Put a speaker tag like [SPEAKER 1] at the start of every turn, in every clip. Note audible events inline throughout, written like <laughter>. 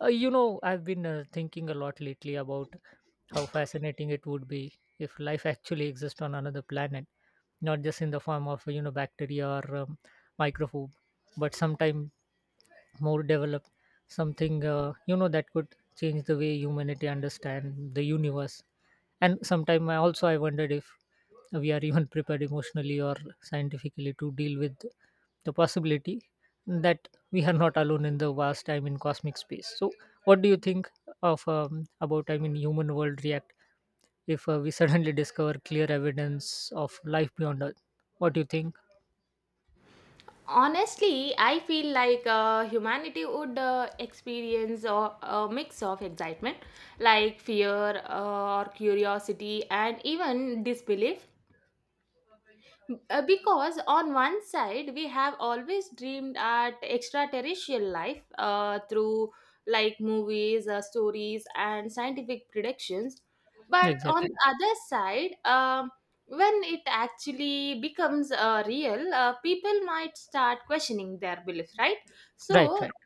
[SPEAKER 1] I've been thinking a lot lately about how fascinating it would be if life actually exists on another planet, not just in the form of bacteria or microfood, but sometime more developed, something that could change the way humanity understand the universe. And sometime I also I wondered if we are even <laughs> prepared emotionally or scientifically to deal with the possibility that we are not alone in the vast time in cosmic space. So what do you think of about I mean human world react if we <laughs> suddenly discover clear evidence of life beyond earth? What do you think?
[SPEAKER 2] Honestly, I feel like humanity would experience a mix of excitement, like fear or curiosity, and even disbelief. Because on one side we have always dreamed at extraterrestrial life through like movies, stories and scientific predictions, but on the
[SPEAKER 1] Exactly.
[SPEAKER 2] other side, when it actually becomes real, people might start questioning their belief, right?
[SPEAKER 1] Right,
[SPEAKER 2] So,
[SPEAKER 1] right.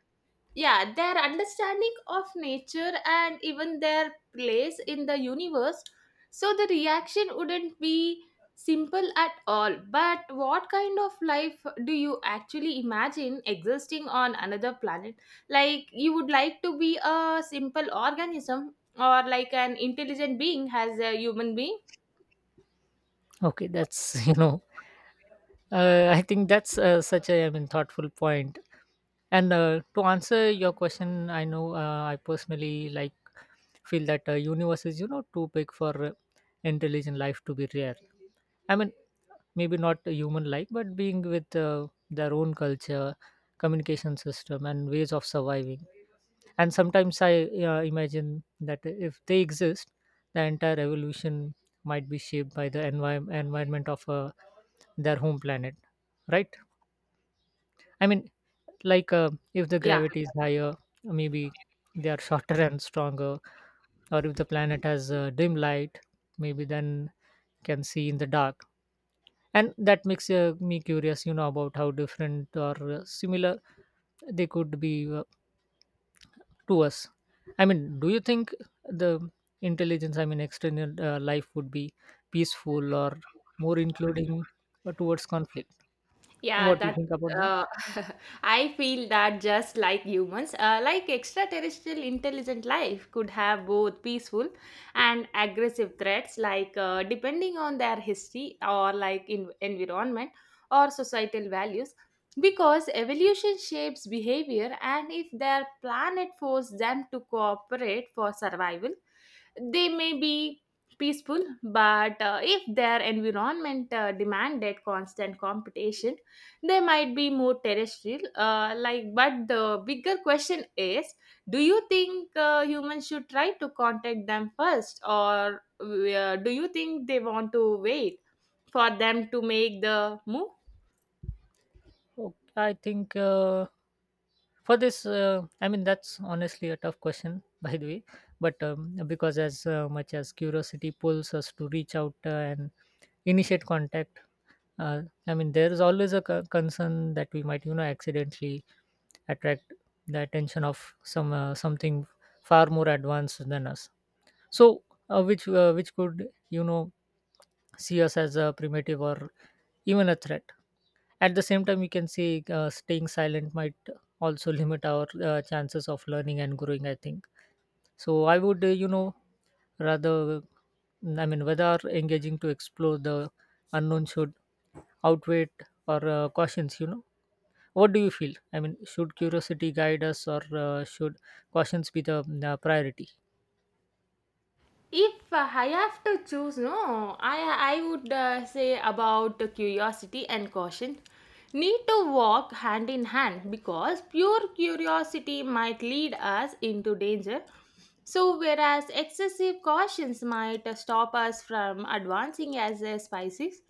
[SPEAKER 2] yeah, their understanding of nature and even their place in the universe. So the reaction wouldn't be simple at all, but what kind of life do you actually imagine existing on another planet? Like, you would like to be a simple organism or like an intelligent being as a human being?
[SPEAKER 1] okay that's <laughs> I think that's such a, I mean, thoughtful point. And to answer your question, I know I personally like feel that universe is too big for intelligent life to be rare. I mean, maybe not human like, but being with their own culture, communication system, and ways of surviving. And sometimes I imagine that if they exist, the entire evolution might be shaped by the environment of their home planet, right? I mean, like if the
[SPEAKER 2] Yeah.
[SPEAKER 1] gravity is higher, maybe they are shorter <laughs> and stronger, or if the planet has dim light, maybe then can see in the dark. And that makes me curious, you know, about how different or similar they could be to us. I mean, do you think the intelligence, I mean, external life would be peaceful or more including towards conflict?
[SPEAKER 2] Yeah,
[SPEAKER 1] What do you
[SPEAKER 2] that's
[SPEAKER 1] think about that?
[SPEAKER 2] uh, <laughs> I feel that just like humans, like extraterrestrial intelligent life could have both peaceful and aggressive threats, like depending on their history or like in environment or societal values, because evolution shapes behavior, and if their planet forced them to cooperate for survival, they may be peaceful, but if their environment demanded constant competition, they might be more terrestrial, like. But the bigger question is, do you think humans should try to contact them first, or do you think they want to wait for them to make the move?
[SPEAKER 1] Okay, I think. For this , I mean, that's honestly a tough question <laughs> by the way, but because as much as curiosity pulls us to reach out and initiate contact, I mean, there is always a concern that we might accidentally attract the attention of something far more advanced than us. So which could see us as a primitive or even a threat. At the same time, we can say staying silent might also limit our chances of learning and growing, I think. So I would, rather, I mean, whether engaging to explore the unknown should outweigh or cautions, What do you feel? I mean, should curiosity guide us or should cautions be the priority?
[SPEAKER 2] If I have to choose, no, I would say about curiosity and caution need to walk hand in hand, because pure curiosity might lead us into danger, so whereas excessive cautions might stop us from advancing as a species.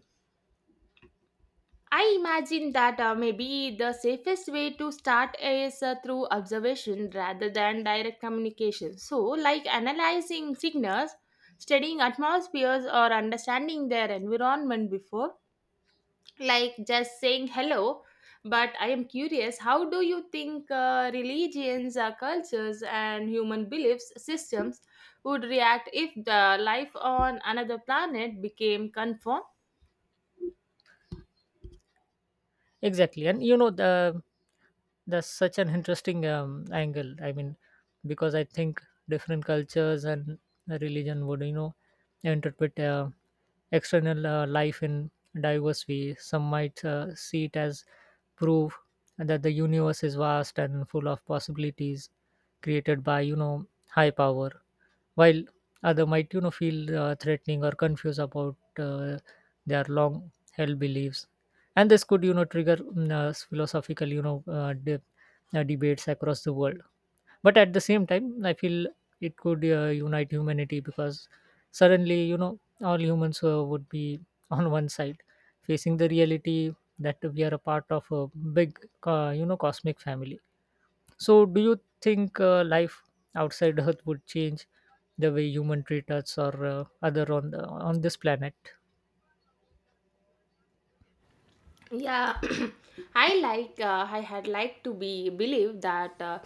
[SPEAKER 2] I imagine that maybe the safest way to start is through observation rather than direct communication. So, like analyzing signals, studying atmospheres, or understanding their environment before, like just saying hello. But I am curious, how do you think religions, cultures, and human beliefs systems would react if the life on another planet became confirmed?
[SPEAKER 1] Exactly. And you know the that's such an interesting angle. I mean, because I think different cultures and religion would interpret external life in diverse ways. Some might see it as proof that the universe is vast and full of possibilities created by high power, while other might feel threatening or confused about their long held beliefs. And this could trigger philosophical debates across the world. But at the same time I feel it could unite humanity because suddenly all humans would be <laughs> on one side facing the reality that we are a part of a big cosmic family. So, do you think life outside Earth would change the way human treat us or other on on this planet?
[SPEAKER 2] Yeah, <clears throat> I like, I had liked to be believe that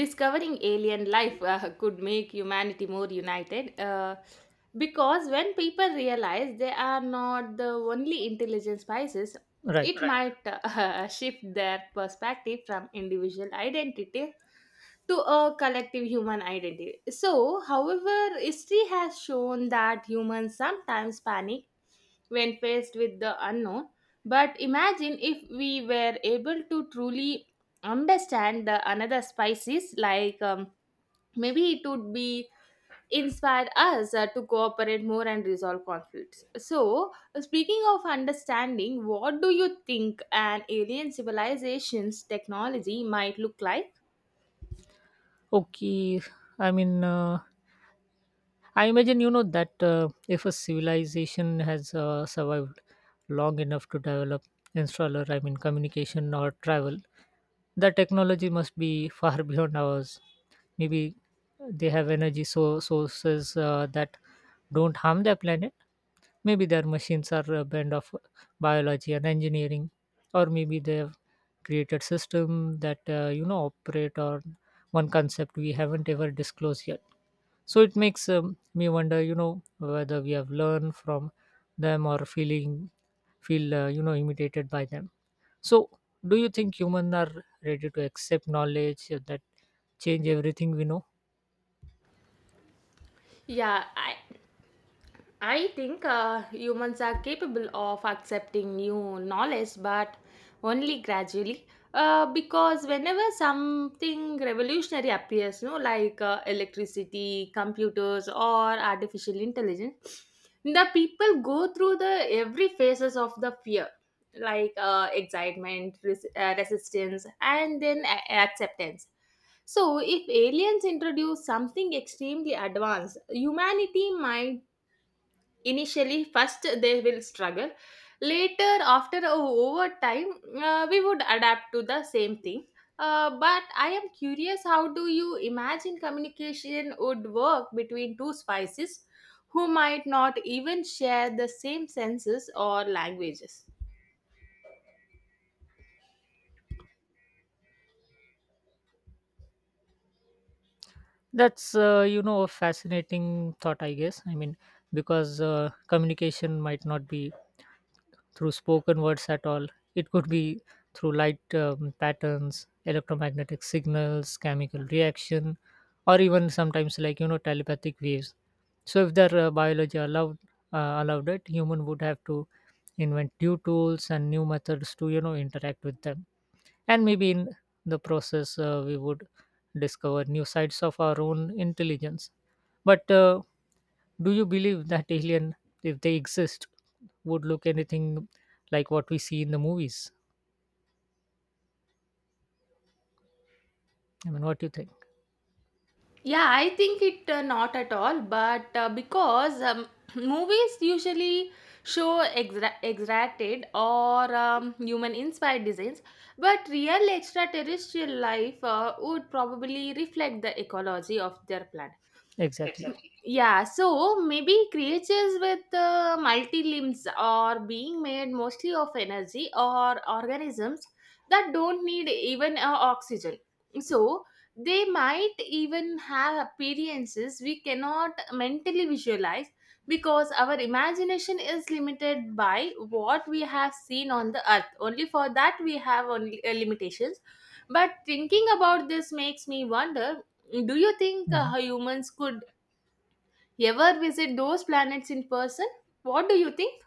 [SPEAKER 2] discovering alien life <laughs> could make humanity more united, because when people realize they are not the only intelligent species, it,
[SPEAKER 1] Right.
[SPEAKER 2] right, might <laughs> shift their perspective from individual identity to a collective human identity. So, however, history has shown that humans sometimes panic when faced with the unknown. But imagine if we were able to truly understand the another species, like, maybe it would be inspired us to cooperate more and resolve conflicts. So, speaking of understanding, what do you think an alien civilization's technology might look like?
[SPEAKER 1] Okay. I mean, I imagine that if a civilization has survived long enough to develop installer, I mean, communication or travel, the technology must be far <laughs> beyond ours. Maybe they have energy so sources that don't harm their planet. Maybe their machines are a blend of biology and engineering, or maybe they've created system that operate on one concept we haven't ever disclosed yet. So it makes me wonder, you know, whether we have learned from them or feel, imitated by them. So do you think humans are ready to accept knowledge that change everything we know?
[SPEAKER 2] Yeah, I think humans are capable of accepting new knowledge, but only gradually. Because whenever something revolutionary appears, no, like electricity, computers, or artificial intelligence, the people go through the every phases of the fear, like excitement, resistance, and then acceptance. So, if aliens introduce something extremely advanced, humanity might. Initially, first they will struggle. Later, after over time, we would adapt to the same thing. But I am curious, how do you imagine communication would work between two spices who might not even share the same senses or languages?
[SPEAKER 1] That's a fascinating thought, I guess. I mean, because communication might not be through spoken words at all. It could be through light patterns, electromagnetic signals, chemical reaction, or even sometimes like telepathic waves. So if their biology allowed allowed it, human would have to invent new tools and new methods to interact with them, and maybe in the process we would discover new sides of our own intelligence. But do you believe that alien, if they exist, would look anything like what we see in the movies? I mean, what do you think?
[SPEAKER 2] Yeah, I think it not at all, but because <clears throat> movies usually show extracted or human inspired designs, but real extraterrestrial life would probably reflect the ecology of their planet.
[SPEAKER 1] Exactly.
[SPEAKER 2] Exactly. Yeah, so maybe creatures with multi limbs are being made mostly of energy or organisms that don't need even oxygen. So they might even have appearances we cannot mentally visualize because our imagination is limited by what we have seen on the earth. Only for that we have only limitations. But thinking about this makes me wonder, do you think
[SPEAKER 1] Mhm.
[SPEAKER 2] humans could ever visit those planets in person? What do you think?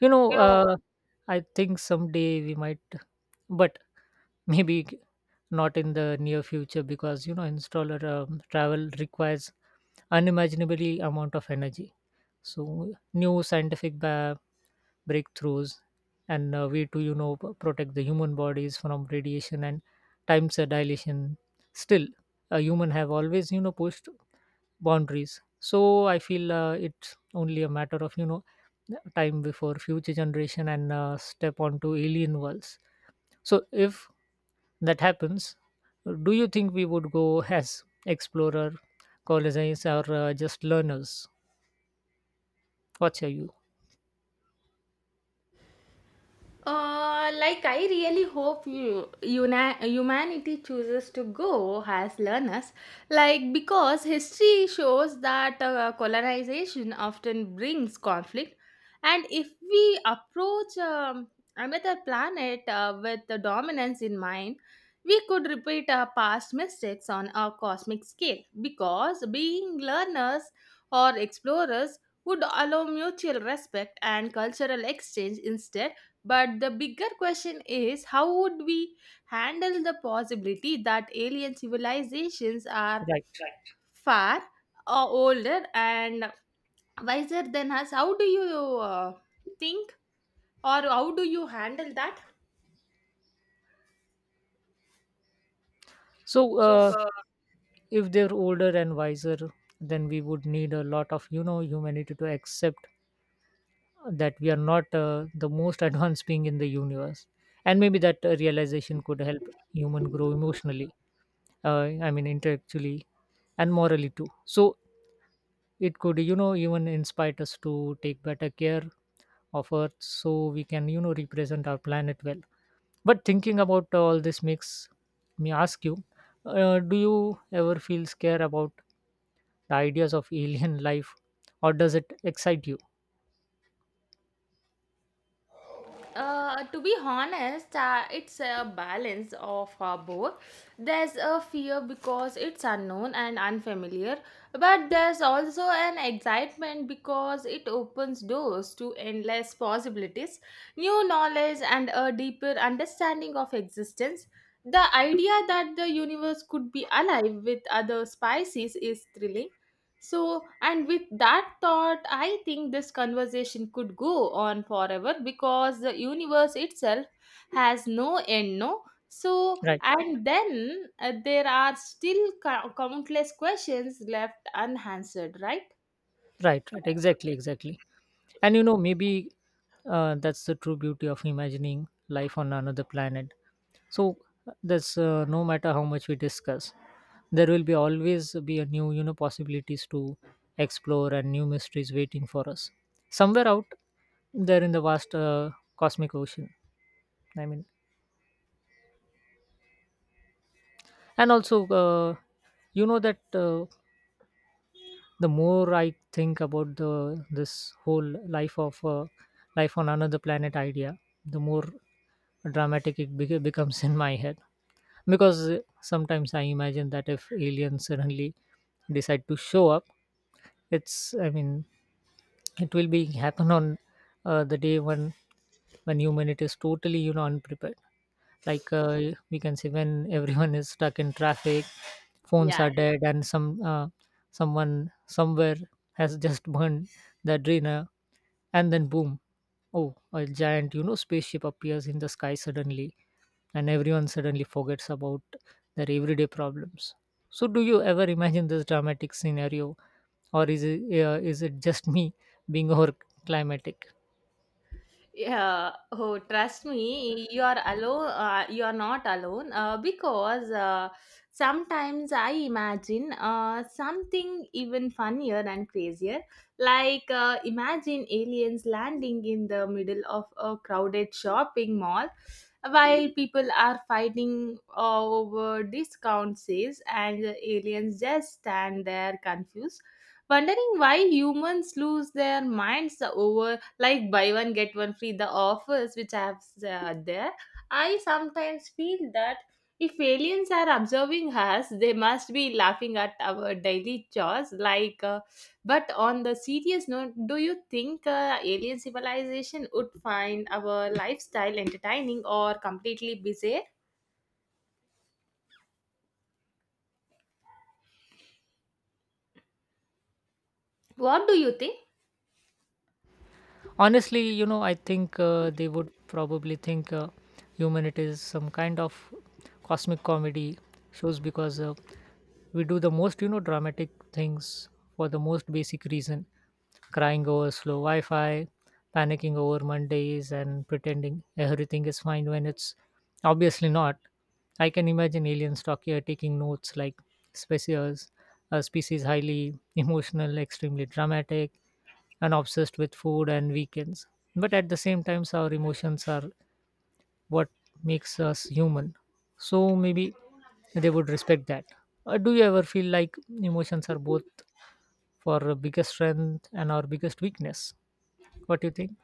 [SPEAKER 1] you know
[SPEAKER 2] You know.
[SPEAKER 1] uh, I think someday we might, but maybe not in the near future, because installer travel requires unimaginably amount of energy. So new scientific breakthroughs and a way to protect the human bodies from radiation and time dilation. Still, a human have always pushed boundaries, so I feel it's only a matter of time before future generation and step onto alien worlds. So if that happens, do you think we would go as explorer, colonizers, or just learners? What's your you
[SPEAKER 2] Like, I really hope you, humanity chooses to go as learners, like because history shows that colonization often brings conflict, and if we approach, another planet with the dominance in mind, we could repeat our past mistakes on a cosmic scale. Because being learners or explorers would allow mutual respect and cultural exchange instead. But the bigger question is, how would we handle the possibility that alien civilizations are,
[SPEAKER 1] Right.
[SPEAKER 2] right, far older and wiser than us? How do you uh, think, or how do you handle that?
[SPEAKER 1] So
[SPEAKER 2] So,
[SPEAKER 1] if they're older and wiser, then we would need a lot of humanity to accept that we are not the most <laughs> advanced being in the universe. And maybe that realization could help human grow emotionally, I mean, intellectually and morally too. So it could even inspire us to take better care of earth, so we can represent our planet well. But thinking about all this makes me ask you, do you ever feel scared about the ideas of alien <laughs> life, or does it excite you?
[SPEAKER 2] To be honest, it's a balance of both. There's a fear because it's unknown and unfamiliar, but there's also an excitement because it opens doors to endless possibilities, new knowledge, and a deeper understanding of existence. The idea that the universe could be alive with other species is thrilling. So, and with that thought, I think this conversation could go on forever because the universe itself has no end, no? So,
[SPEAKER 1] Right,
[SPEAKER 2] and then there are still countless questions left unanswered, right?
[SPEAKER 1] right, right. Exactly, exactly. And maybe that's the true beauty of imagining life on another planet. So that's no matter how much we discuss, there will be always be a new possibilities to explore and new mysteries waiting for us somewhere out there in the vast cosmic ocean. I mean, and also you know that uh, the more I think about the this whole life of uh, life on another planet idea, the more dramatic it becomes <laughs> in my head. Because sometimes I imagine that if aliens suddenly decide to show up, it's I mean it will be happen on the day when humanity is totally unprepared. Like we can see when everyone is stuck in traffic, phones
[SPEAKER 2] Yeah.
[SPEAKER 1] are dead, and someone somewhere has just burned the adrena, and then boom, oh, a giant spaceship appears in the sky suddenly, and everyone suddenly forgets about their everyday problems. So do you ever imagine this dramatic scenario, or is it just me being <laughs> over climatic?
[SPEAKER 2] Yeah, oh, trust me, you are alone. You are not alone because sometimes I imagine something even funnier and crazier. Like, imagine aliens landing in the middle of a crowded shopping mall while people are fighting over discount sales, and the aliens just stand there confused, wondering why humans lose their minds over like buy one get one free the offers which apps are there. I sometimes feel that if aliens are observing us they must be laughing at our daily chores, like, but on the serious note, do you think alien civilization would find our lifestyle entertaining or completely bizarre? What do you think?
[SPEAKER 1] Honestly, I think they would probably think humanity is some kind of cosmic comedy shows. Because we do the most dramatic things for the most basic reason: crying over slow wi-fi, panicking over mondays, and pretending everything is fine when it's obviously not. I can imagine aliens talking taking notes like: species a species highly <laughs> emotional, extremely dramatic, and obsessed with food and weekends. But at the same time, our emotions are what makes us human. So maybe they would respect that. Do you ever feel like emotions are both our biggest strength and our biggest weakness? What do you think?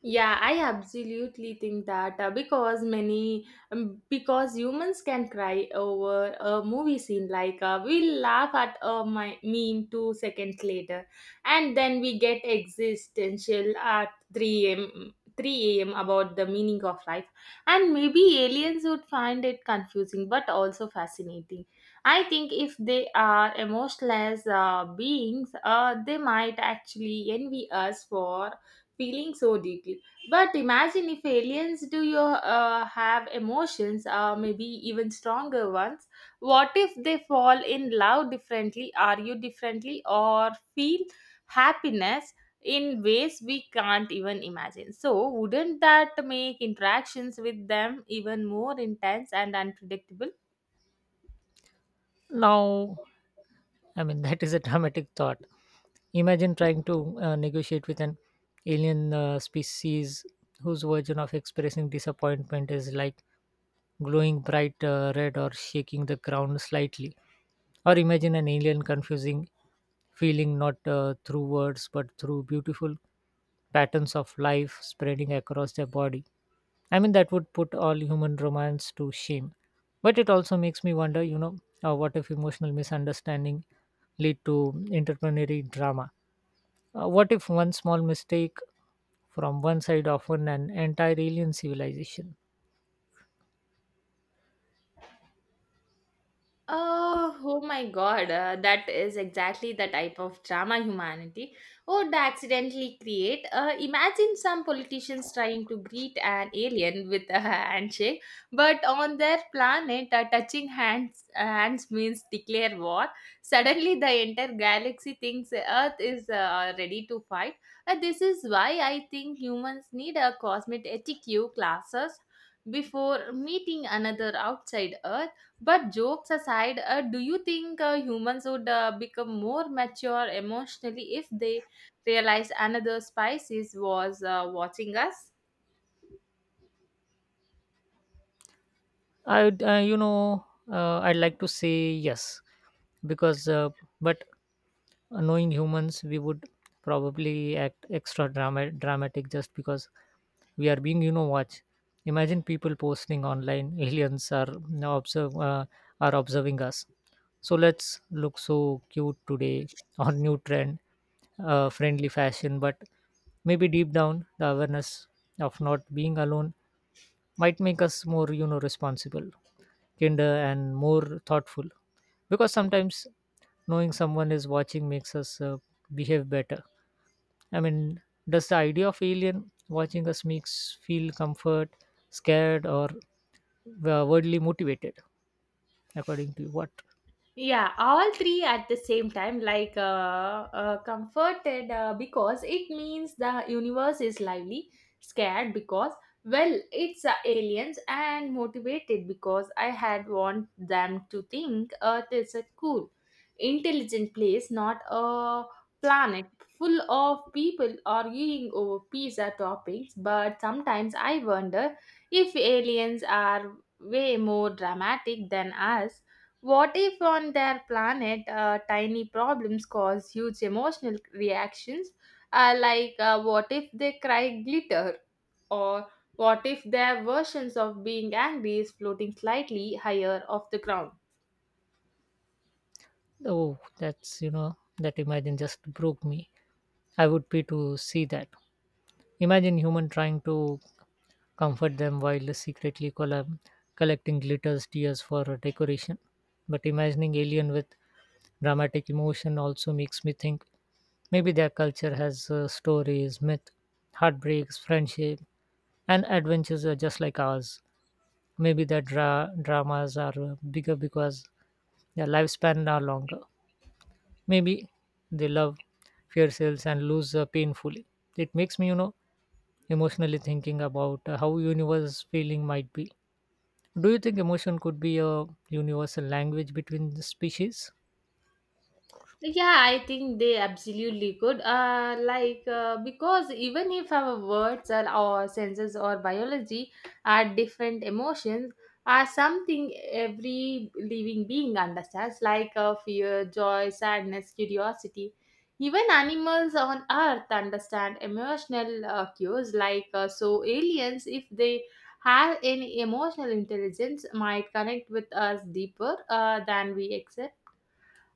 [SPEAKER 2] Yeah, I absolutely think that because many, because humans can cry over a movie scene, like we laugh at a meme 2 seconds later, and then we get existential at 3 a.m. 3 a.m. about the meaning of life, and maybe aliens would find it confusing but also fascinating. I think if they are emotionless beings, they might actually envy us for feeling so deeply. But imagine if aliens do you have emotions, maybe even stronger ones. What if they fall in love differently, argue differently, or feel happiness in ways we can't even imagine? So, wouldn't that make interactions with them even more intense and unpredictable?
[SPEAKER 1] Now, I mean, <laughs> that is a dramatic thought. Imagine trying to negotiate with an alien species whose version of expressing disappointment is like glowing bright red or shaking the ground slightly. Or imagine an alien confusing feeling not through words but through beautiful patterns of life spreading across their body. I mean, that would put all human romance to shame. But it also makes me wonder, you know, what if emotional misunderstanding lead to interplanetary drama? What if one small mistake from one side often an entire alien civilization?
[SPEAKER 2] Oh, oh my God, that is exactly the type of drama humanity would accidentally create. Imagine some politicians trying to greet an alien with a handshake, but on their planet, touching hands means declare war. Suddenly, the entire galaxy thinks Earth is ready to fight. This is why I think humans need a cosmic etiquette classes before meeting another outside Earth. But jokes aside, do you think humans would become more mature emotionally if they realized another species was watching us?
[SPEAKER 1] I, would, I'd like to say yes because, but knowing humans, we would probably act extra dramatic just because we are being, you know, watched. Imagine people posting online, <laughs> aliens are now observe are observing us. So let's look so cute today, <laughs> or new trend, friendly fashion. But maybe deep down, the awareness of not being alone might make us more, you know, responsible, kinder and more thoughtful. Because sometimes knowing someone is watching makes us behave better. I mean, does the idea of alien watching us makes feel comfort, scared, or worldly motivated, according to you? What?
[SPEAKER 2] Yeah, all three at the same time, like, comforted, because it means the universe is lively, scared because well it's aliens, and motivated because I had want them to think earth is a cool intelligent place, not a planet full of people arguing over pizza toppings. But sometimes I wonder, if aliens are way more dramatic than us, what if on their planet tiny problems cause huge emotional reactions? Like, what if they cry glitter? Or what if their versions of being angry is floating slightly higher off the ground?
[SPEAKER 1] Oh, that's you know that imagine just broke me. I would pay to see that. Imagine human trying to comfort them while collecting glitters tears for decoration. But imagining alien with dramatic emotion also makes me think maybe their culture has stories, myth, heartbreaks, friendship, and adventures are just like ours. Maybe their dramas are bigger because their lifespan are longer. Maybe they love fierce sales and lose painfully. It makes me emotionally thinking about how universe feeling might be. Do you think emotion could be a universal language between the species?
[SPEAKER 2] Yeah, I think they absolutely could. Like because even if our words or our senses or biology are different, emotions are something every living being understands, like fear, joy, sadness, curiosity. Even animals on Earth understand emotional cues, like, so aliens, if they have any emotional intelligence, might connect with us deeper than we accept.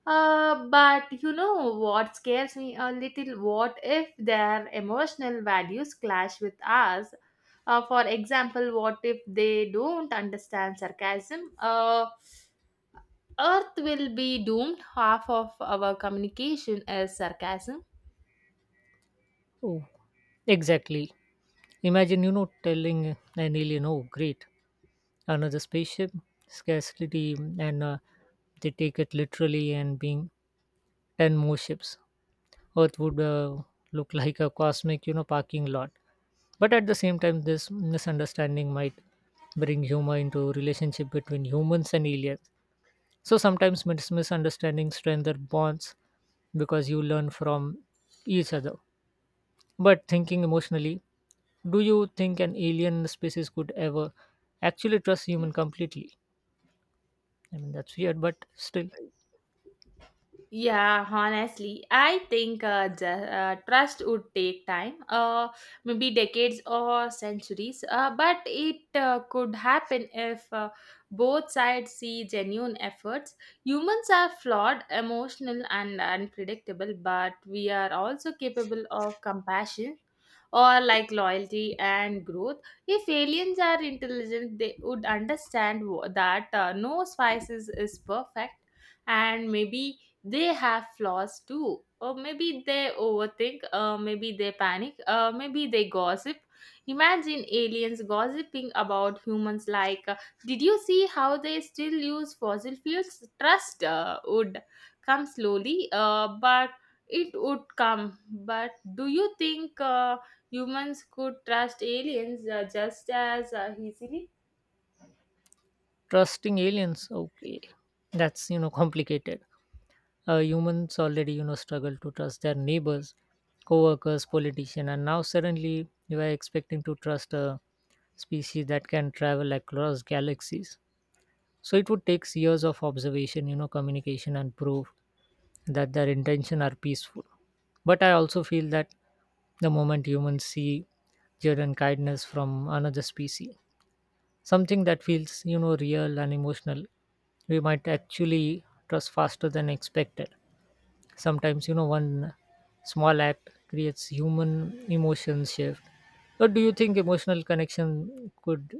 [SPEAKER 2] But you know what scares me a little? What if their emotional values clash with ours? For example, what if they don't understand sarcasm? Earth will be doomed. Half of our communication is sarcasm.
[SPEAKER 1] Oh, exactly. Imagine telling an alien, oh, great, another spaceship, scarcity, and they take it literally and being 10 more ships. Earth would look like a cosmic parking lot. But at the same time, this misunderstanding might bring humor into relationship between humans and aliens. So sometimes misunderstandings strengthen bonds because you learn from each other. But thinking emotionally, do you think an alien species could ever actually trust human completely? I mean, that's weird, but still,
[SPEAKER 2] Yeah, honestly, I think trust would take time, maybe decades or centuries, but it could happen if both sides see genuine efforts. Humans are flawed, emotional, and unpredictable, but we are also capable of compassion or like loyalty and growth. If aliens are intelligent, they would understand that no spices is perfect, and maybe they have flaws too, or maybe they overthink, maybe they panic, maybe they gossip. Imagine aliens gossiping about humans like, did you see how they still use fossil fuels? Trust would come slowly, but it would come. But do you think humans could trust aliens just as easily?
[SPEAKER 1] trusting aliens, okay, that's <laughs> complicated. Humans already struggle to trust their neighbors, co-workers, politician, and now suddenly you are expecting to trust a species that can travel across galaxies. So it would take years of observation, communication and proof that their intention are peaceful. But I also feel that the moment humans see genuine kindness from another species, something that feels real and emotional, we might actually trust faster than expected. Sometimes one small act creates human emotion shift. But do you think emotional connection could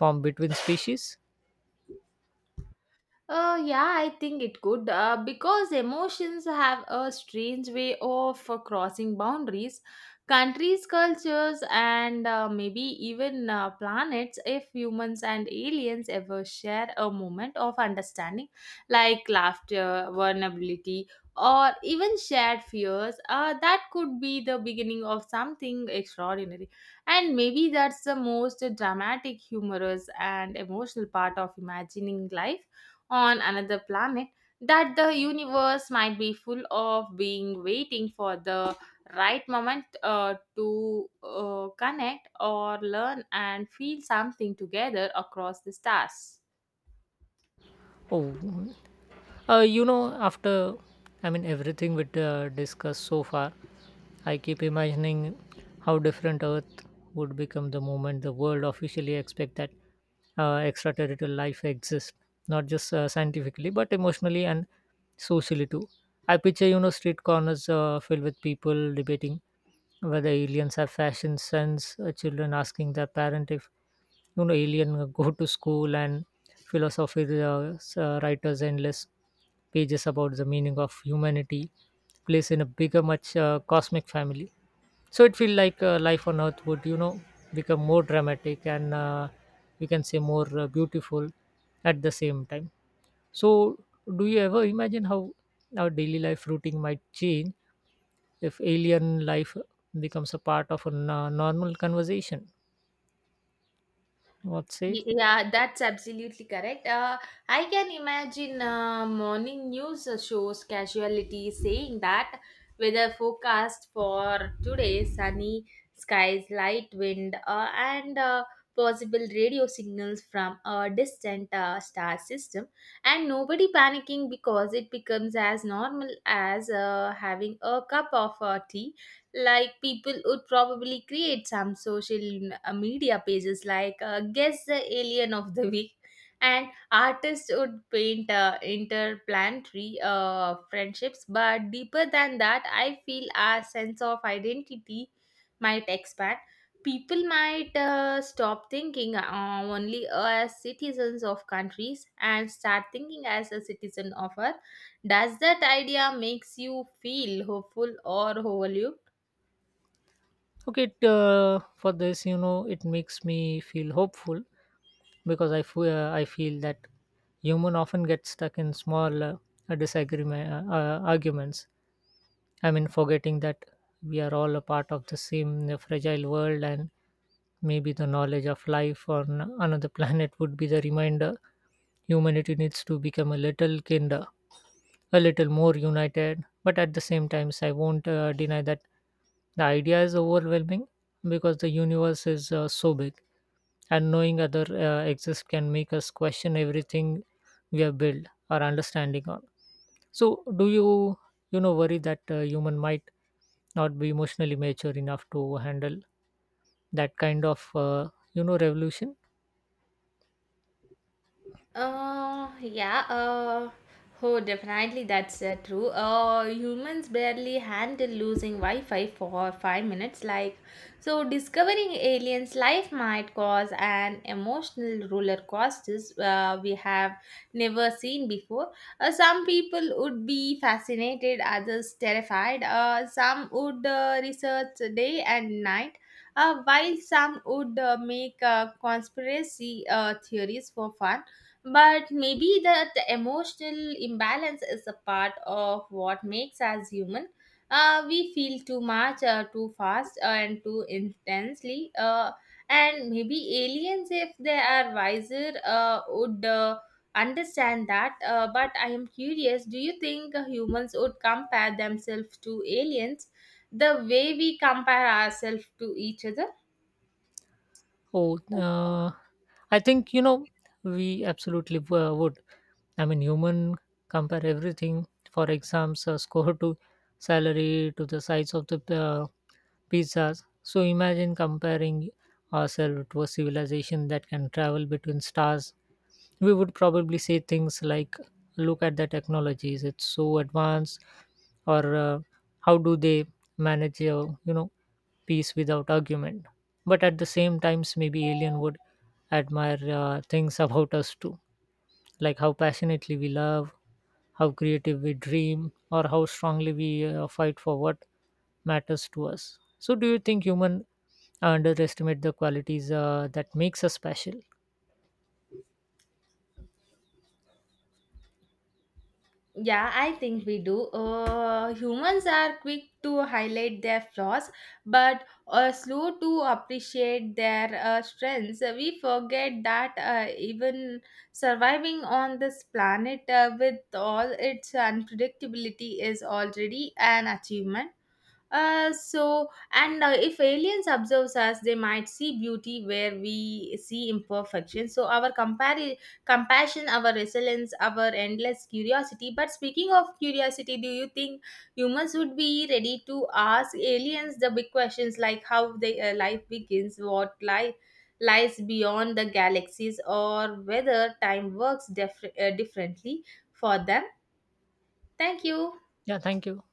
[SPEAKER 1] form between species?
[SPEAKER 2] Yeah, I think it could because emotions have a strange way of crossing boundaries, countries, cultures, and maybe even planets. If humans and aliens ever share a moment of understanding, like laughter, vulnerability, or even shared fears, that could be the beginning of something extraordinary, and maybe that's the most dramatic, humorous, and emotional part of imagining life on another planet, that the universe might be full of being waiting for the right moment to connect or learn and feel something together across the stars.
[SPEAKER 1] Oh. After I mean everything we discussed so far, I keep imagining how different Earth would become the moment the world officially expect that extraterrestrial life exists, not just scientifically but emotionally and socially too. I picture street corners filled with people debating whether aliens have fashion sense, children asking their parent if alien go to school, and philosophy writers endless pages about the meaning of humanity place in a bigger much cosmic family. So it feels like life on earth would become more dramatic and, we can say, more beautiful at the same time. So do you ever imagine how our daily life routine might change if alien life becomes a part of a normal conversation? What say?
[SPEAKER 2] Yeah, that's absolutely correct. I can imagine morning news shows casualty saying that weather forecast for today, sunny skies, light wind, and possible radio signals from a distant star system, and nobody panicking because it becomes as normal as having a cup of tea. Like people would probably create some social media pages like, guess the alien of the week, and artists would paint interplanetary friendships. But deeper than that, I feel our sense of identity might expand. People might stop thinking only as citizens of countries and start thinking as a citizen of earth. Does that idea makes you feel hopeful or overwhelmed?
[SPEAKER 1] Okay, for this, it makes me feel hopeful because I feel that human often get stuck in small disagreement, arguments. I mean, forgetting that we are all a part of the same fragile world, and maybe the knowledge of life on another <laughs> planet would be the reminder humanity needs to become a little kinder, a little more united. But at the same times, I won't deny that the idea is overwhelming because the universe is so big, and knowing other exists can make us question everything we have built our understanding on. So, do you you know worry that human might not be emotionally mature enough to handle that kind of revolution?
[SPEAKER 2] Yeah, oh, definitely that's true. Humans barely handle losing Wi Fi for 5 minutes, like, so discovering aliens' life might cause an emotional roller coaster we have never seen before. Some people would be fascinated, others terrified, some would research day and night. While some would make conspiracy theories for fun, but maybe the emotional imbalance is a part of what makes us human. We feel too much, too fast, and too intensely. And maybe aliens, if they are wiser, would understand that. But I am curious, do you think humans would compare themselves to aliens the way we compare ourselves to each other?
[SPEAKER 1] Oh, uh, I think we absolutely would. I mean, human compare everything, for exams, score to salary to the size of the pizzas. So imagine comparing ourselves to a civilization that can travel between stars. We would probably say things like, "Look at the technologies; it's so advanced," or "How do they manage, peace without argument?" But at the same times, maybe alien would admire things about us too, like how passionately we love, how creative we dream, or how strongly we fight for what matters to us. So do you think human underestimate the qualities that makes us special?
[SPEAKER 2] Yeah, I think we do. Humans are quick to highlight their flaws, but slow to appreciate their strengths. We forget that even surviving on this planet with all its unpredictability is already an achievement. So, and if aliens observes us, they might see beauty where we see imperfection. So, our compassion, our resilience, our endless curiosity. But speaking of curiosity, do you think humans would be ready to ask aliens the big questions like how their life begins, what life lies beyond the galaxies, or whether time works differently for them? Thank you.
[SPEAKER 1] Yeah, thank you.